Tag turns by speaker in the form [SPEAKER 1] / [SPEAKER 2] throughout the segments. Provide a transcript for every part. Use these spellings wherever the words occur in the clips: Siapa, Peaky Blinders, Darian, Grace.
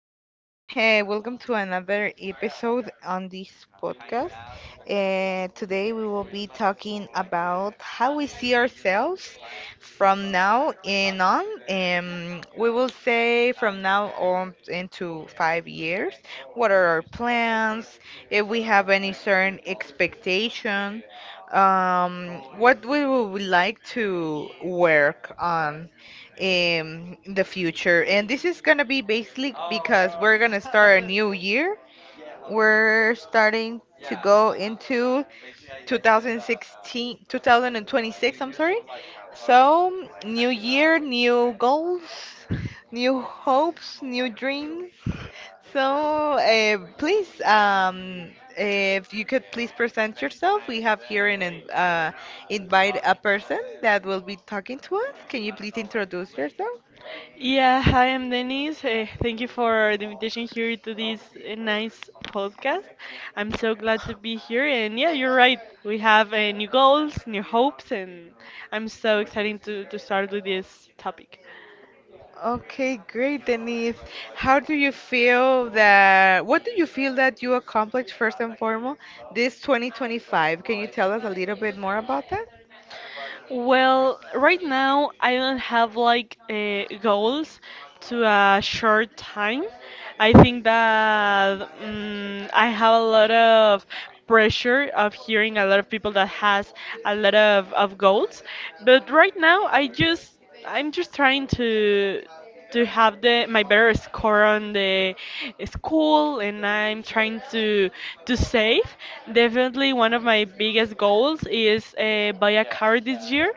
[SPEAKER 1] everyone. Welcome to another episode on this podcast. Today we will be talking about how we see ourselves from now in on, we will say from now on into 5 years. What are our plans? If we have any certain expectation, what we would like to work on in the future. And this is gonna be basically because we're gonna start a new year, we're starting to go into 2016 2026, I'm sorry. So new year, new goals, new hopes, new dreams. So please, if you could please present yourself. We have here an invite, a person that will be talking to us. Can you please introduce yourself?
[SPEAKER 2] Yeah, hi, I'm Denise. Thank you for the invitation here to this nice podcast. I'm so glad to be here. And yeah, you're right. We have new goals, new hopes, and I'm so excited to start with this topic.
[SPEAKER 1] Okay, great, Denise. How do you feel that, what do you feel that you accomplished first and foremost this 2025? Can you tell us a little bit more about that?
[SPEAKER 2] Well, right now I don't have like goals to a short time. I think that I have a lot of pressure of hearing a lot of people that has a lot of goals, but right now I'm just trying to have the my better score on the school and I'm trying to save. Definitely one of my biggest goals is buy a car this year.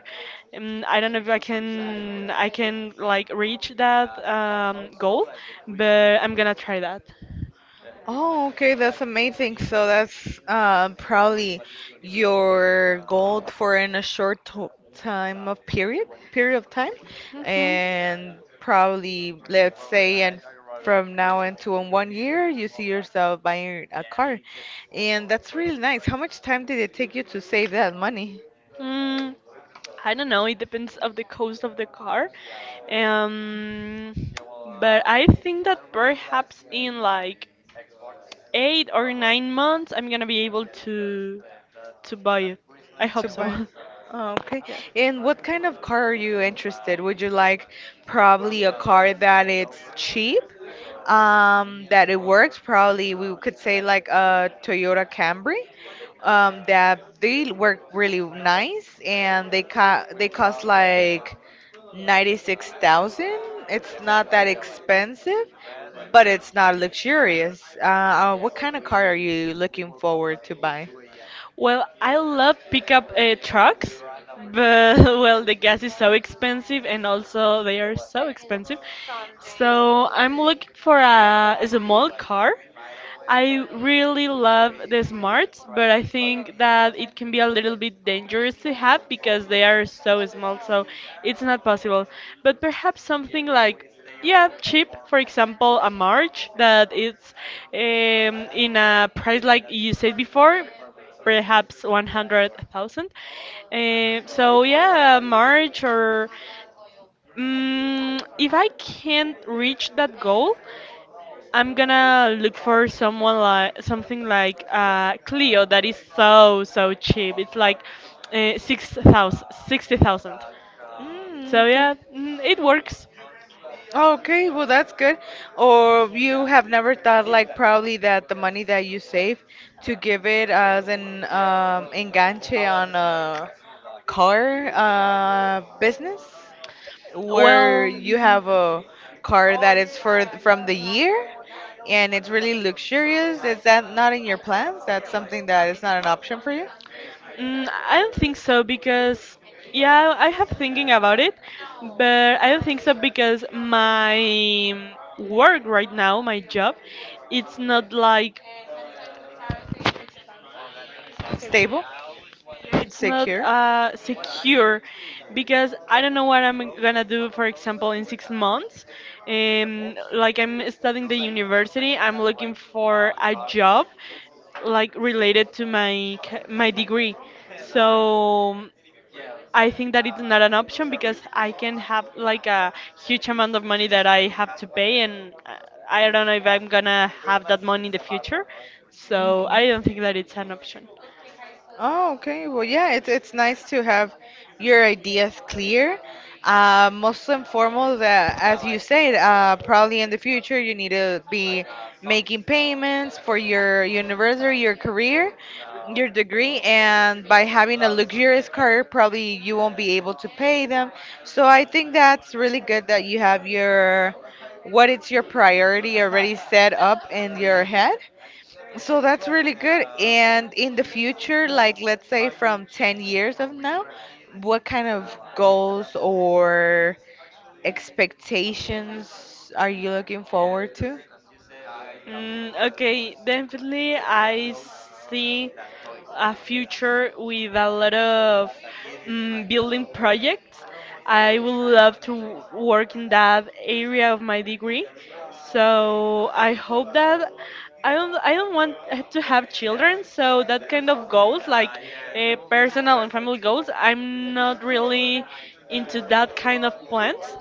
[SPEAKER 2] I don't know if I can like reach that goal, but I'm gonna try that.
[SPEAKER 1] Oh, okay, that's amazing. So that's probably your goal for in a short to time of period, period of time,
[SPEAKER 2] hmm
[SPEAKER 1] and probably let's say and from now into in one year you see yourself buying a car, and that's really nice. How much time did it take you to save that money?
[SPEAKER 2] Mm, I don't know. It depends of the cost of the car. Um, but I think that perhaps in like 8 or 9 months, I'm gonna be able to buy it. I hope
[SPEAKER 1] To buy.
[SPEAKER 2] so.
[SPEAKER 1] Oh, okay.
[SPEAKER 2] Yeah.
[SPEAKER 1] And what kind of car are you interested? Would you like probably a car that it's cheap, that it works? Probably we could say like a Toyota Camry, that they work really nice and they cost like 96,000. It's not that expensive, but it's not luxurious. What kind of car are you looking forward to buy?
[SPEAKER 2] Well, I love pickup trucks, but well, the gas is so expensive, and also they are so expensive. So I'm looking for a small car. I really love the smarts, but I think that it can be a little bit dangerous to have because they are so small, so it's not possible. But perhaps something like, yeah, cheap, for example, a March that it's in a price like you said before, perhaps 100,000. So, yeah, a March or if I can't reach that goal, I'm gonna look for someone like something like Clio that is so so cheap. It's like 6,000, 60,000.
[SPEAKER 1] Mm,
[SPEAKER 2] So
[SPEAKER 1] okay.
[SPEAKER 2] yeah, it works.
[SPEAKER 1] Okay, well, that's good. Or you have never thought, like, probably that the money that you save to give it as an enganche on a car business where
[SPEAKER 2] Well,
[SPEAKER 1] you
[SPEAKER 2] mhm.
[SPEAKER 1] have a car that is for from the year and it's really luxurious. Is that not in your plans? That's something that is not an option for you?
[SPEAKER 2] Mm, I don't think so because yeah, I have thinking about it, but I don't think so because my work right now, my job, it's not like.
[SPEAKER 1] Stable,
[SPEAKER 2] Yeah, it's not
[SPEAKER 1] secure.
[SPEAKER 2] secure because I don't know what I'm gonna do, for example, in 6 months. Like I'm studying the university, I'm looking for a job like related to my my degree. So I think that it's not an option because I can have like a huge amount of money that I have to pay, and I don't know if I'm gonna have that money in the future. So
[SPEAKER 1] Mhm.
[SPEAKER 2] I don't think that it's an option.
[SPEAKER 1] Oh, okay. Well, yeah, it's nice to have your ideas clear. Most and foremost, as you said, probably in the future you need to be making payments for your university, your career, your degree, and by having a luxurious car, probably you won't be able to pay them. So I think that's really good that you have your what it's your priority already set up in your head, so that's really good. And in the future, like let's say from 10 years of now, what kind of goals or expectations are you looking forward to?
[SPEAKER 2] Mm, okay, definitely I see a future with a lot of building projects. I would love to work in that area of my degree. So I hope that I don't want to have children, so that kind of goals like personal and family goals, I'm not really into that kind of plans.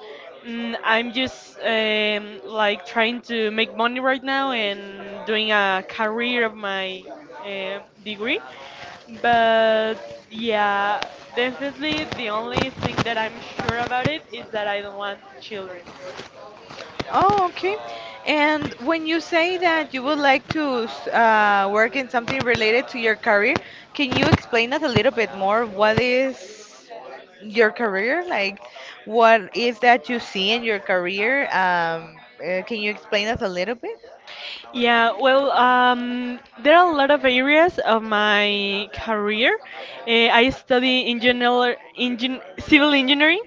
[SPEAKER 2] Mm, I'm just like trying to make money right now and doing a career of my degree. But yeah, definitely the only thing that I'm sure about it is that I don't want children.
[SPEAKER 1] Oh, okay. And when you say that you would like to work in something related to your career, can you explain us a little bit more? What is your career? Like, what is that you see in your career? Can you explain us a little bit?
[SPEAKER 2] Yeah, well, there are a lot of areas of my career. I study in general, engin civil engineering.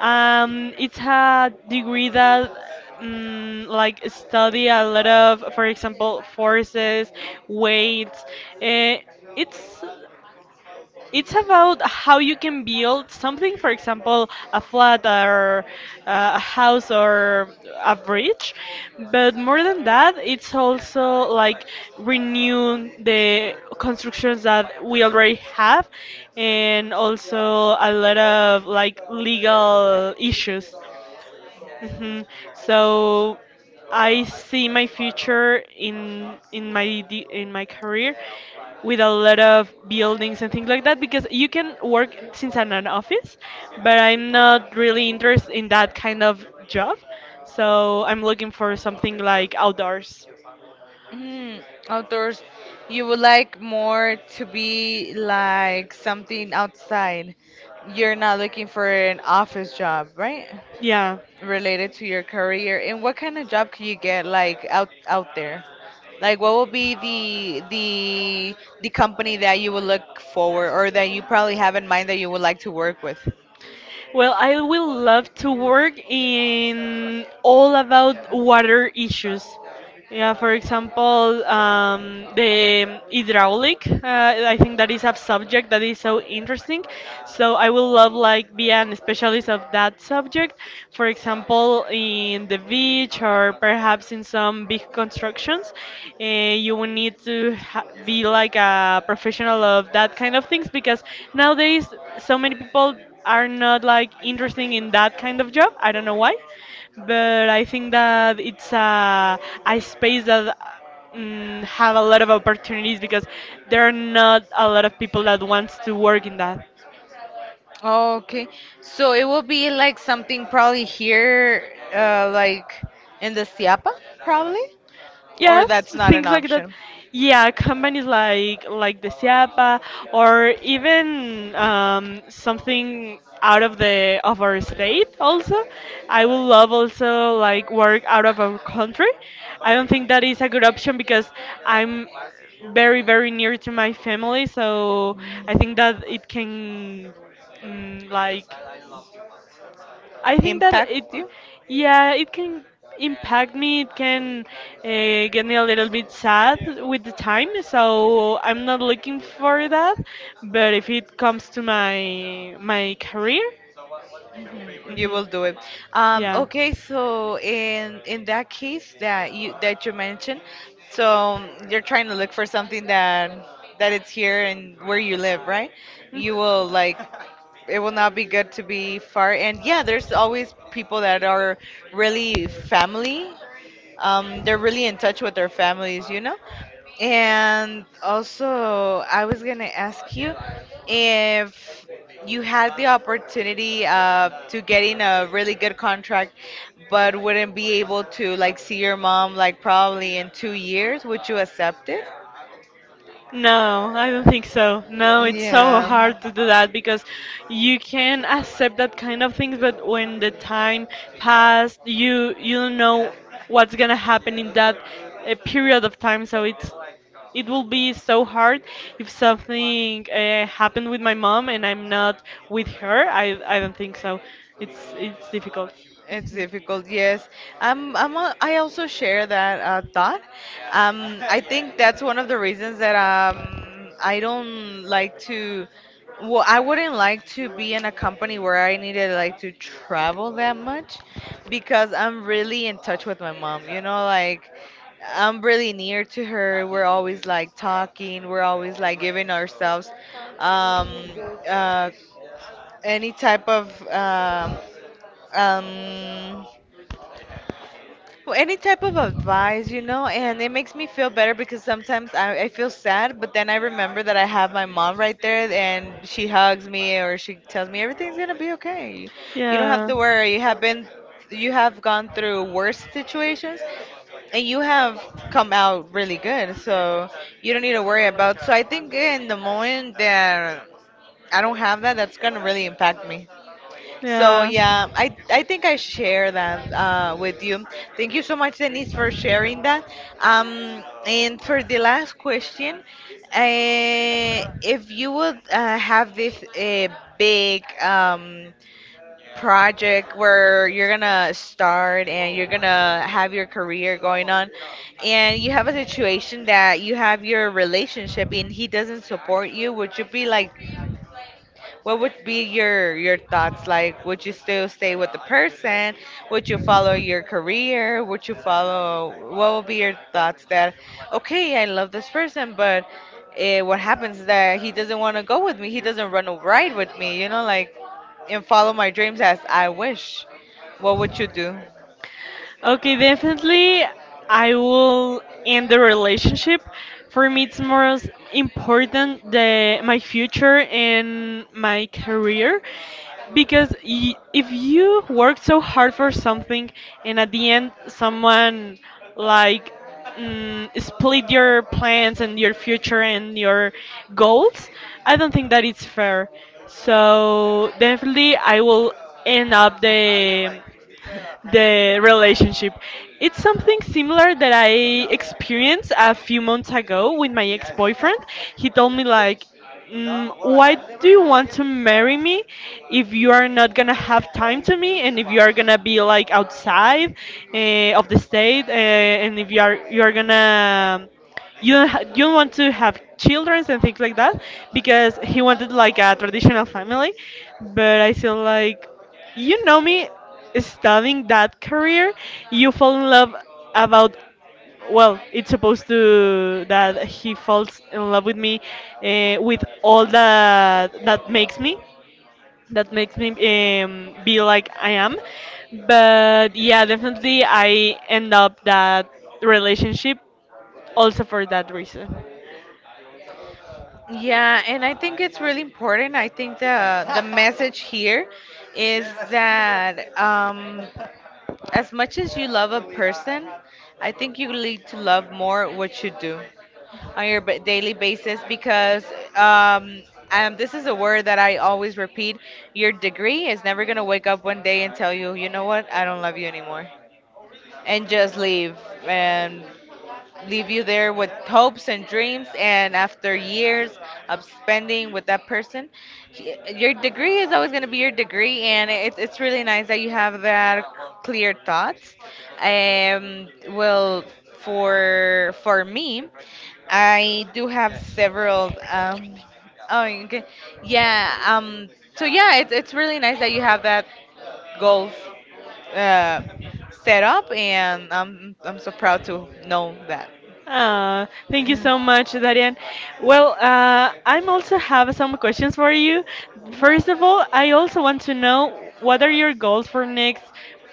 [SPEAKER 2] It's a degree that like study a lot of, for example, forces, weights. Uh, it's about how you can build something, for example, a flat or a house or a bridge. But more than that, it's also like renew the constructions that we already have and also a lot of like legal issues. hmm So I see my future in my in my career with a lot of buildings and things like that because you can work since I'm an office, but I'm not really interested in that kind of job. So I'm looking for something like outdoors.
[SPEAKER 1] Mm, outdoors, you would like more to be like something outside. You're not looking for an office job, right?
[SPEAKER 2] Yeah.
[SPEAKER 1] Related to your career. And what kind of job can you get like out there? Like what will be the company that you would look forward or that you probably have in mind that you would like to work with?
[SPEAKER 2] Well, I will love to work in all about water issues. Yeah, for example, the hydraulic. I think that is a subject that is so interesting. So I will love like be an specialist of that subject. For example, in the beach or perhaps in some big constructions, you will need to be like a professional of that kind of things because nowadays so many people are not like interesting in that kind of job. I don't know why, but I think that it's a space that have a lot of opportunities because there are not a lot of people that wants to work in that.
[SPEAKER 1] Okay, so it will be like something probably here, like in the Siapa, probably. Or
[SPEAKER 2] Yes,
[SPEAKER 1] that's not an
[SPEAKER 2] things like that.
[SPEAKER 1] option?
[SPEAKER 2] Yeah, companies like the Siapa or even something out of the of our state also. I would love also like work out of our country. I don't think that is a good option because I'm very very near to my family, so
[SPEAKER 1] Mm.
[SPEAKER 2] I think that it can like I think that it,
[SPEAKER 1] Impact you?
[SPEAKER 2] yeah, it can impact me. It can uh, get me a little bit sad with the time. So I'm not looking for that. But if it comes to my career,
[SPEAKER 1] Mhm, you will
[SPEAKER 2] mhm,
[SPEAKER 1] do it. Um,
[SPEAKER 2] yeah.
[SPEAKER 1] okay, so in that case that you mentioned, so you're trying to look for something that that it's here and where you live, right?
[SPEAKER 2] Mm.
[SPEAKER 1] You will like it will not be good to be far. And yeah, there's always people that are really family. They're really in touch with their families, you know. And also, I was gonna ask you if you had the opportunity to get in a really good contract, but wouldn't be able to like see your mom like probably in 2 years, would you accept it?
[SPEAKER 2] No, I don't think so. No, it's so
[SPEAKER 1] Yeah.
[SPEAKER 2] hard to do that because you can accept that kind of things, but when the time passed, you don't know what's gonna happen in that period of time. So it's it will be so hard if something happened with my mom and I'm not with her. I don't think so. It's difficult.
[SPEAKER 1] It's
[SPEAKER 2] hmm
[SPEAKER 1] difficult, yes. I'm, I also share that thought. I think that's one of the reasons that I don't like to. Well, I wouldn't like to be in a company where I needed like to travel that much because I'm really in touch with my mom. You know, like I'm really near to her. We're always like talking. We're always like giving ourselves um, uh, any type of um any type of advice, you know. And it makes me feel better because sometimes I feel sad, but then I remember that I have my mom right there and she hugs me or she tells me everything's gonna be okay, you don't have
[SPEAKER 2] Yeah.
[SPEAKER 1] to worry, you have been, you have gone through worse situations and you have come out really good, so you don't need to worry about. So I think in the moment that I don't have that, that's gonna really impact me. So
[SPEAKER 2] Yeah.
[SPEAKER 1] yeah, I think I share that with you. Thank you so much, Denise, for sharing that. And for the last question, if you would have this big project where you're gonna start and you're gonna have your career going on, and you have a situation that you have your relationship and he doesn't support you, would you be like, what would be your thoughts like? Would you still stay with the person? Would you follow your career? Would you follow? What would be your thoughts that, okay, I love this person, but eh, what happens is that he doesn't want to go with me. He doesn't run a ride with me. You know, like and follow my dreams as I wish. What would you do?
[SPEAKER 2] Okay, definitely I will end the relationship. For me, it's more as important the my future and my career because y if you work so hard for something and at the end someone like split your plans and your future and your goals, I don't think that it's fair. So definitely I will end up the relationship. It's something similar that I experienced a few months ago with my ex-boyfriend. He told me like, "Why do you want to marry me if you are not gonna have time to me, and if you are gonna be like outside of the state, and if you are gonna." You don't you don't want to have children and things like that because he wanted like a traditional family, but I feel like, you know, me studying that career, you fall in love about, well, it's supposed to that he falls in love with me with all that that makes me be like I am. But yeah, definitely I end up that relationship also for that reason.
[SPEAKER 1] Yeah, and I think it's really important. I think the message here is that as much as you love a person, I think you need to love more what you do on your daily basis, because um, this is a word that I always repeat. Your degree is never going to wake up one day and tell you, you know what, I don't love you anymore. And just leave. And leave you there with hopes and dreams, and after years of spending with that person, your degree is always going to be your degree, and it's really nice that you have that clear thoughts. Well, for me, I do have several. Oh, okay. Yeah. So yeah, it's really nice that you have that goals uh, set up, and I'm so proud to know that.
[SPEAKER 2] Ah, thank you
[SPEAKER 1] Yeah.
[SPEAKER 2] so much, Darian. Well, I'm also have some questions for you. First of all, I also want to know what are your goals for next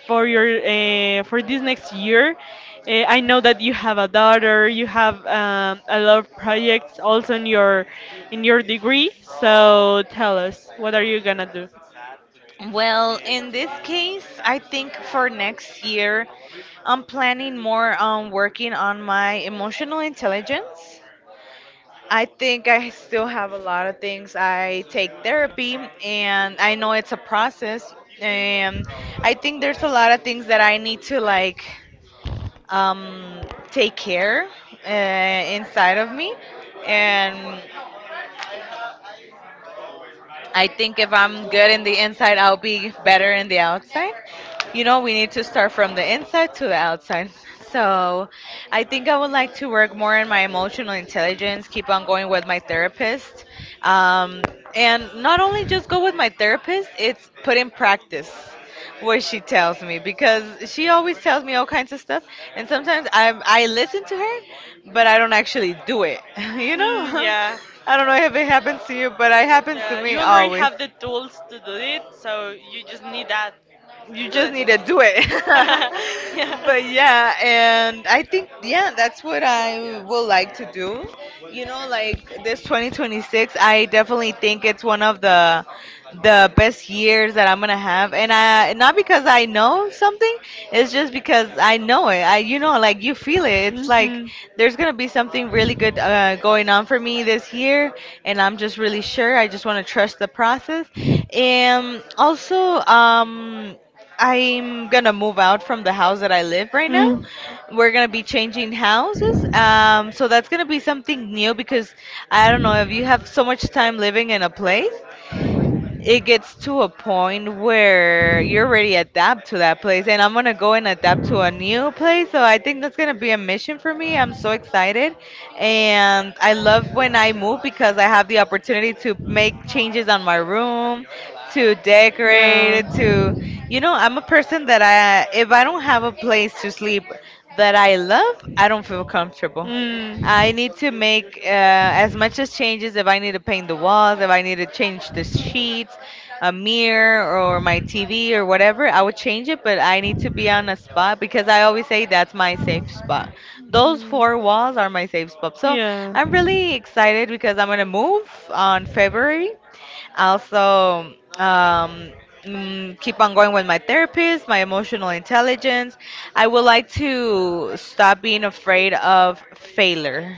[SPEAKER 2] for your for this next year. I know that you have a daughter, you have a lot of projects also in your degree. So tell us, what are you gonna do?
[SPEAKER 1] Well, in this case, I think for next year, I'm planning more on working on my emotional intelligence. I think I still have a lot of things. I take therapy, and I know it's a process, and I think there's a lot of things that I need to like um, take care inside of me, and I think if I'm good in the inside, I'll be better in the outside. You know, we need to start from the inside to the outside. So, I think I would like to work more on my emotional intelligence, keep on going with my therapist. Um, and not only just go with my therapist, it's put in practice what she tells me, because she always tells me all kinds of stuff and sometimes I listen to her but I don't actually do it, you know?
[SPEAKER 2] Yeah.
[SPEAKER 1] I don't know if it happens to you, but it happens to
[SPEAKER 2] You
[SPEAKER 1] me
[SPEAKER 2] already
[SPEAKER 1] always.
[SPEAKER 2] have the tools to do it, so you just need that
[SPEAKER 1] You
[SPEAKER 2] to do the.
[SPEAKER 1] just need to do it.
[SPEAKER 2] But yeah, and
[SPEAKER 1] But yeah, and I think yeah, that's what I would like to do. You know, like this 2026, I definitely think it's one of the best years that I'm gonna have, and I not because I know something, it's just because I know it. I, you know, like you feel it. It's like there's gonna be something really good going on for me this year, and I'm just really sure. I just
[SPEAKER 2] i.
[SPEAKER 1] want to trust the process, and also. I'm gonna move out from the house that I live right now.
[SPEAKER 2] Mm.
[SPEAKER 1] We're gonna be changing houses. So that's gonna be something new because I don't know, if you have so much time living in a place, it gets to a point where you are already adapt to that place, and I'm going to go and adapt to a new place. So I think that's going to be a mission for me. I'm so excited, and I love when I move because I have the opportunity to make changes on my room, to decorate
[SPEAKER 2] Yeah.
[SPEAKER 1] it to you know I'm a person that I, if I don't have a place to sleep that I love,
[SPEAKER 2] Mm.
[SPEAKER 1] I don't feel comfortable.
[SPEAKER 2] Mm.
[SPEAKER 1] I need to make as much as changes. If I need to paint the walls, if I need to change the sheets, a mirror or my TV or whatever, I would change it, but I need to be on a spot because I always say that's my safe spot. Those four walls are my safe spot. So
[SPEAKER 2] Yeah.
[SPEAKER 1] I'm really excited because I'm going to move on February. Also, keep on going with my therapist, my emotional intelligence. I would like to stop being afraid of failure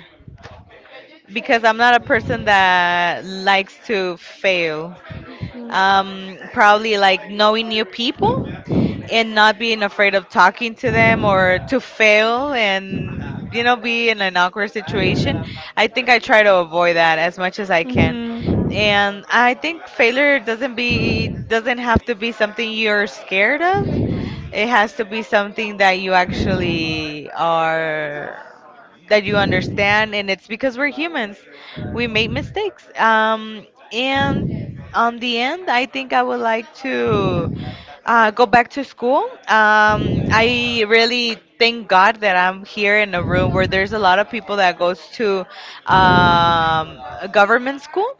[SPEAKER 1] because I'm not a person that likes to fail.
[SPEAKER 2] Mhm.
[SPEAKER 1] Probably like knowing new people,
[SPEAKER 2] And.
[SPEAKER 1] and not being afraid of talking to them or to fail and be in an awkward situation. I think I try to avoid that as much as I can,
[SPEAKER 2] Mm-hmm.
[SPEAKER 1] and I think failure doesn't have to be something you're scared of. It has to be something that you actually are, that you understand, and it's because we're humans, we make mistakes. And On the end, I think I would like to go back to school. I really thank God that I'm here in a room where there's a lot of people that goes to a government school,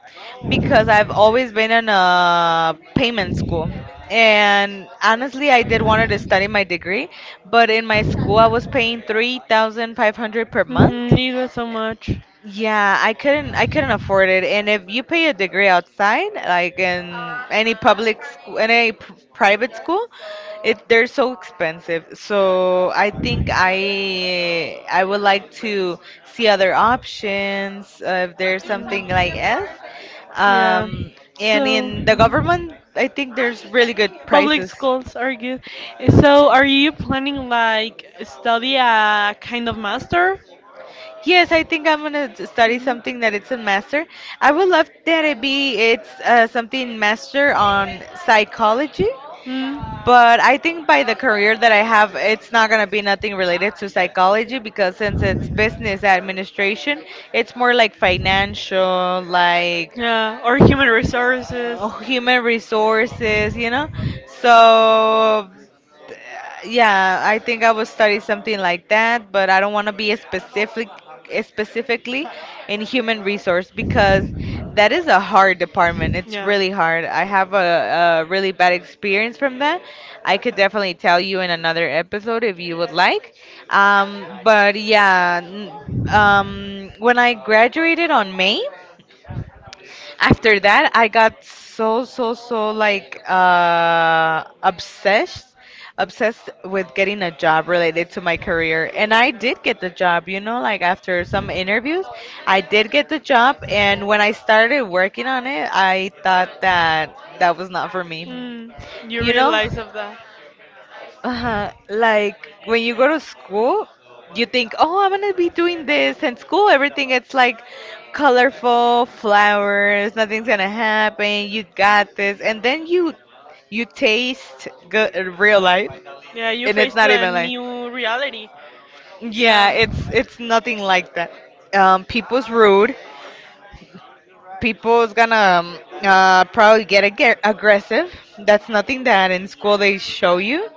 [SPEAKER 1] because I've
[SPEAKER 2] Of.
[SPEAKER 1] always been in a payment school. And honestly, I did wanted to study my degree, but in my school I was paying 3,500 per month.
[SPEAKER 2] It so much.
[SPEAKER 1] Yeah, I couldn't afford it. And if you pay a degree outside, like in any public school, any pr private school, it they're so expensive. So I think I would like to see other options, if there's something like S.
[SPEAKER 2] Yeah.
[SPEAKER 1] Um, and
[SPEAKER 2] So.
[SPEAKER 1] in the
[SPEAKER 2] The.
[SPEAKER 1] government, I think there's really good
[SPEAKER 2] Public
[SPEAKER 1] prices.
[SPEAKER 2] schools are good. So, are you planning like study a kind of master?
[SPEAKER 1] Yes, I think I'm gonna study
[SPEAKER 2] Mhm.
[SPEAKER 1] something that it's a master. I would love that it's something master on psychology,
[SPEAKER 2] Mm.
[SPEAKER 1] but I think by the career that I have, it's not gonna be nothing related to psychology, because since it's business administration, it's more like financial, like
[SPEAKER 2] Yeah, or human resources.
[SPEAKER 1] human resources, you know? So, th- yeah, I think I would study something like that, but I don't want to be a specific specifically in human resource, because that is a hard department. It's
[SPEAKER 2] Yeah.
[SPEAKER 1] really hard. I have a really bad experience from that. I could definitely tell you in another episode if you would like. Um, but yeah, n- when I graduated on May, after that, I got so like obsessed with getting a job related to my career. And I did get the job, you know, like after some interviews, I did get the job, and when I started working on it, I thought that that was not for me.
[SPEAKER 2] Mm, you
[SPEAKER 1] You know?
[SPEAKER 2] realize of that.
[SPEAKER 1] Uh-huh. Like when you go to school, you think, "Oh, I'm gonna be doing this." And school, everything it's like colorful flowers. Nothing's gonna happen. You got this. And then you taste good real life,
[SPEAKER 2] Yeah, you
[SPEAKER 1] and it's
[SPEAKER 2] faced
[SPEAKER 1] not
[SPEAKER 2] a
[SPEAKER 1] even like,
[SPEAKER 2] new reality.
[SPEAKER 1] yeah,
[SPEAKER 2] Yeah.
[SPEAKER 1] it's nothing like that. People's rude. People's gonna probably get ag aggressive. That's nothing that in school they show you.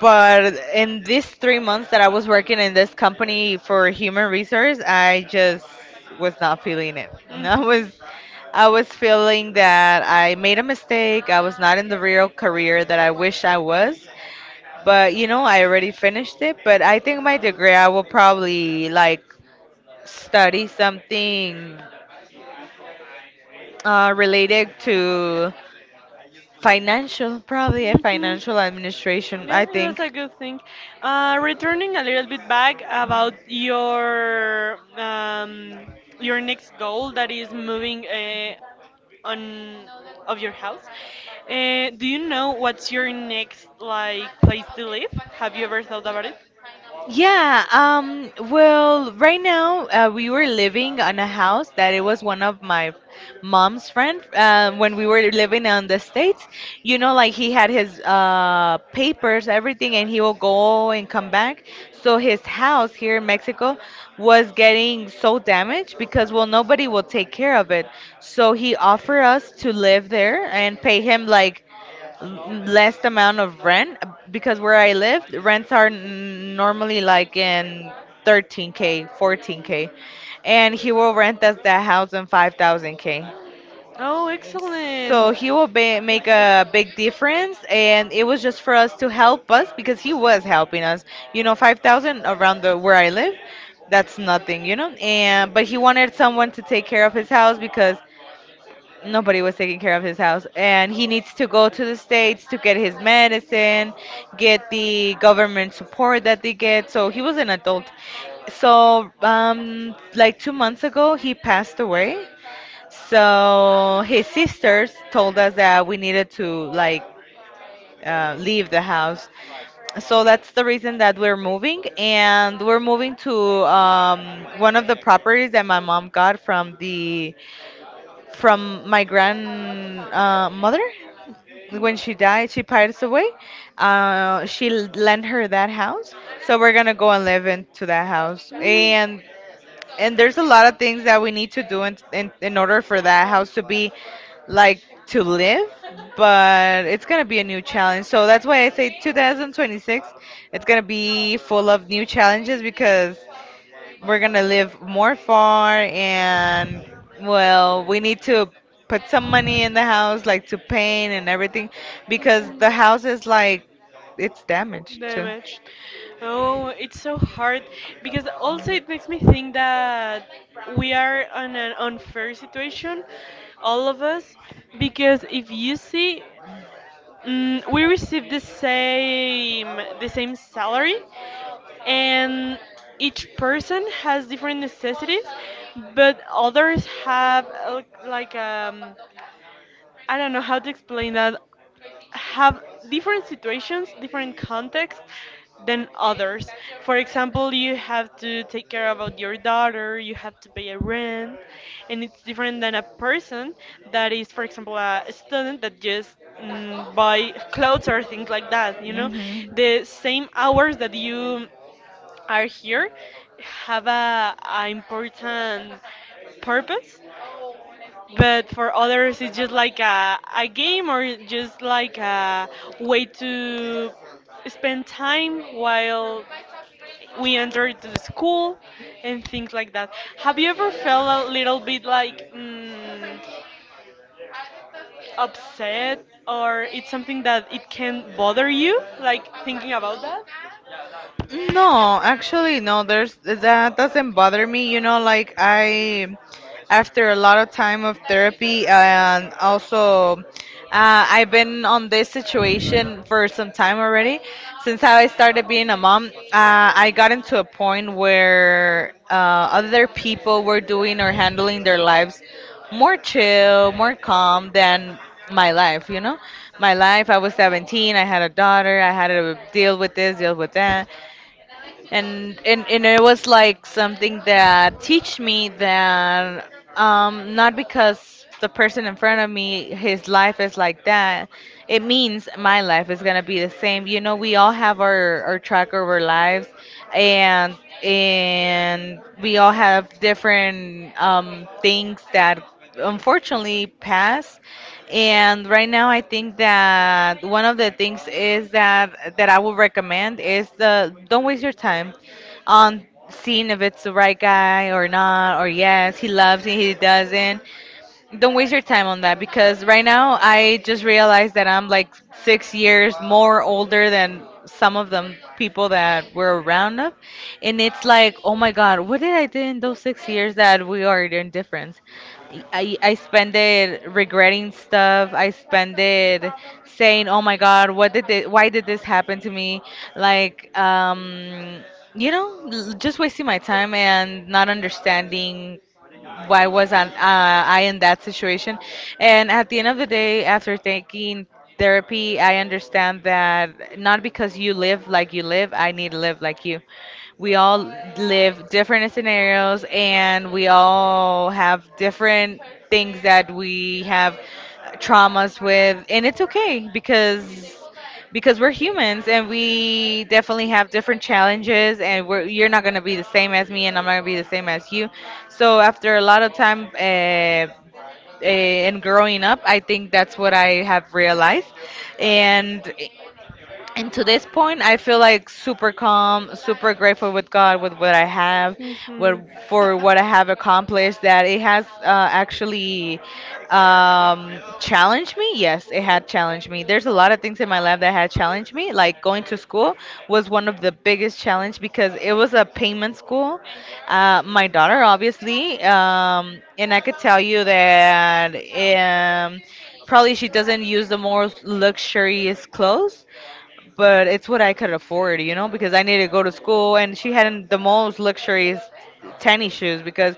[SPEAKER 1] But in these 3 months that I was working in this company for human resource, I just was not feeling it. I was feeling that I made a mistake. I was not in the real career that I wish I was. But you know, I already finished it. But I think my degree, I will probably like study something related to financial, probably a
[SPEAKER 2] Mhm. Mhm.
[SPEAKER 1] financial administration,
[SPEAKER 2] Yeah,
[SPEAKER 1] I
[SPEAKER 2] it was
[SPEAKER 1] think.
[SPEAKER 2] a good thing. Returning a little bit back about your next goal, that is moving on of your house. Do you know what's your next like place to live? Have you ever thought about it?
[SPEAKER 1] Yeah, well, right now we were living on a house that it was one of my mom's friend, when we were living on the States. You know, like he had his papers, everything, and he will go and come back. So his house here in Mexico was getting so damaged because, well, nobody will take care of it. So he offered us to live there and pay him like l- less amount of rent, because where I live, the rents are normally like in 13k, 14k, and he will rent us that house in 5000k.
[SPEAKER 2] Oh,
[SPEAKER 1] So
[SPEAKER 2] excellent.
[SPEAKER 1] he will be, make
[SPEAKER 2] Excellent.
[SPEAKER 1] a big difference, and it was just for us to help us because he was helping us. You know, 5000 around the where I live, that's nothing, you know. And but he wanted someone to take care of his house because nobody was taking care of his house, and he needs to go to the states to get his medicine, get the government support that they get, so he was an adult. So like 2 months ago he passed away, so his sisters told us that we needed to like leave the house. So that's the reason that we're moving, and we're moving to one of the properties that my mom got from the from my grandmother. Mother. When she died, she passed away. She lent her that house, so we're gonna go and live into that house.
[SPEAKER 2] Mm.
[SPEAKER 1] And there's a lot of things that we need to do in order for that house to be like to live, but it's gonna be a new challenge. So that's why I say 2026. It's gonna be full of new challenges because we're gonna live more far, and well, we need to put some money in the house, like to paint and everything, because the house is like it's damaged too.
[SPEAKER 2] Damage. Oh, it's so hard because also it makes me think that we are on an unfair situation, all of us, because if you see, we receive the same salary, and each person has different necessities, but others have like I don't know how to explain that have different situations, different contexts than others. For example, you have to take care about your daughter, you have to pay a rent, and it's different than a person that is, for example, a student that just buy clothes or things like that. You know,
[SPEAKER 1] Mm-hmm.
[SPEAKER 2] the same hours that you are here have a important purpose, but for others it's just like a game or just like a way to spend time while we enter to the school and things like that. Have you ever felt a little bit like upset or it's something that it can bother you like thinking about that?
[SPEAKER 1] No, actually, no. There's that doesn't bother me. You know, after a lot of time of therapy, and also, I've been on this situation for some time already. Since I started being a mom, I got into a point where other people were doing or handling their lives more chill, more calm than my life, you know? My life, I was 17, I had a daughter, I had to deal with this, deal with that, and it was like something that teach me that not because the person in front of me his life is like that, it means my life is gonna be the same. You know, we all have our track of our lives, and and we all have different things that unfortunately passed. And right now, I think that one of the things is that I would recommend is the don't waste your time on seeing if it's the right guy or not, or yes, he loves me, he doesn't. Don't waste your time on that, because right now I just realized that I'm like 6 years more older than some of them people that were around us. And it's like, oh my God, what did I do in those 6 years that we are in difference? I spend it regretting stuff. I spend it saying, oh my God, why did this happen to me? Like, just wasting my time and not understanding why was I in that situation? And at the end of the day, after taking therapy, I understand that not because you live like you live, I need to live like you. We all live different scenarios, and we all have different things that we have traumas with, and it's okay because we're humans, and we definitely have different challenges, and you're not going to be the same as me, and I'm not going to be the same as you. So after a lot of time and growing up, I think that's what I have realized. And and to this point, I feel like super calm, super grateful with God with what I have, with,
[SPEAKER 2] Mhm.
[SPEAKER 1] for what I have accomplished. That it has actually challenged me. Yes, it had challenged me. There's a lot of things in my life that had challenged me. Like going to school was one of the biggest challenge, because it was a payment school. My daughter, obviously, and I could tell you that um, probably she doesn't use the most luxurious clothes, but it's what I could afford, you know, because I needed to go to school. And she had the most luxurious tennis shoes because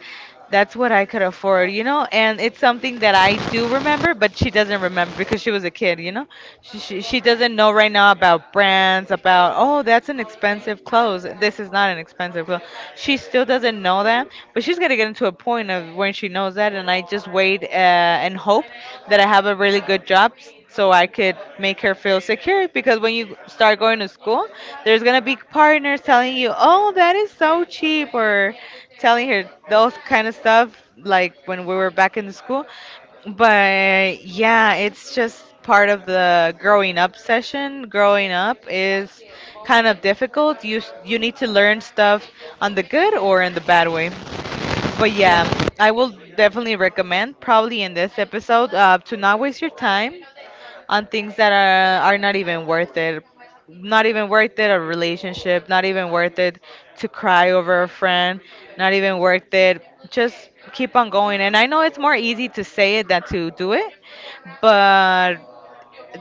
[SPEAKER 1] that's what I could afford, you know, and it's something that I do remember, but she doesn't remember because she was a kid, you know. She doesn't know right now about brands, about oh, that's an expensive clothes. This is not an expensive clothes. She still doesn't know that, but she's gonna get into a point of when she knows that, and I just wait and hope that I have a really good job, so I could make her feel secure. Because when you start going to school, there's gonna be partners telling you, "Oh, that is so cheap," or telling her those kind of stuff like when we were back in school. But yeah, it's just part of the growing up session. Growing up is kind of difficult. You you need to learn stuff on the good or in the bad way. But yeah,
[SPEAKER 2] Yeah.
[SPEAKER 1] I will definitely recommend, probably in this episode, to not waste your time on things that are not even worth it, not even worth it a relationship, not even worth it to cry over a friend, not even worth it. Just keep on going. And I know it's more easy to say it than to do it, but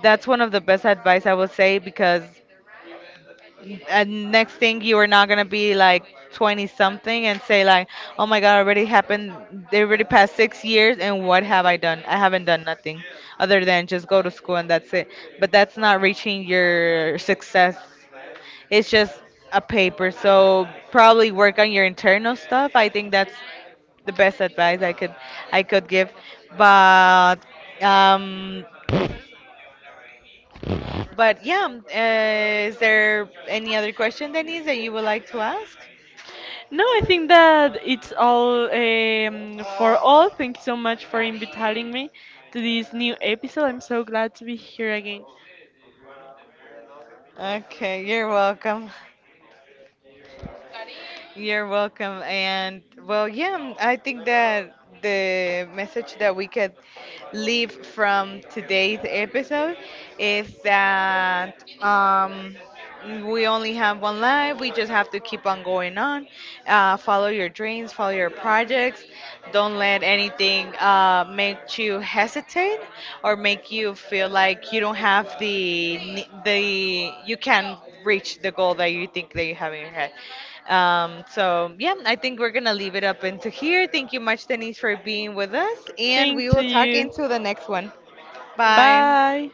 [SPEAKER 1] that's one of the best advice I would say. Because and next thing you are not gonna be like 20 something and say like, oh my god, already happened, they already passed 6 years, and what have I done? I haven't done nothing other than just go to school, and that's it. But that's not reaching your success. It's just a paper. So probably work on your internal stuff. I think that's the best advice I could give. But um but yeah, is there any other question, Denise, that you would like to ask?
[SPEAKER 2] No, I think that it's all for all. Thank you so much for inviting me to this new episode. I'm so glad to be here again.
[SPEAKER 1] Okay, you're welcome. You're welcome. And well, yeah, I think that the message that we could leave from today's episode is that, um, we only have one life. We just have to keep on going on. Follow your dreams, follow your projects. Don't let anything make you hesitate or make you feel like you don't have the you can reach the goal that you think that you have in your head. So yeah, I think we're gonna leave it up into here. Thank you much, Denise, for being with us, and
[SPEAKER 2] Thank
[SPEAKER 1] we
[SPEAKER 2] to
[SPEAKER 1] will talk
[SPEAKER 2] you.
[SPEAKER 1] into the next one. Bye.
[SPEAKER 2] Bye.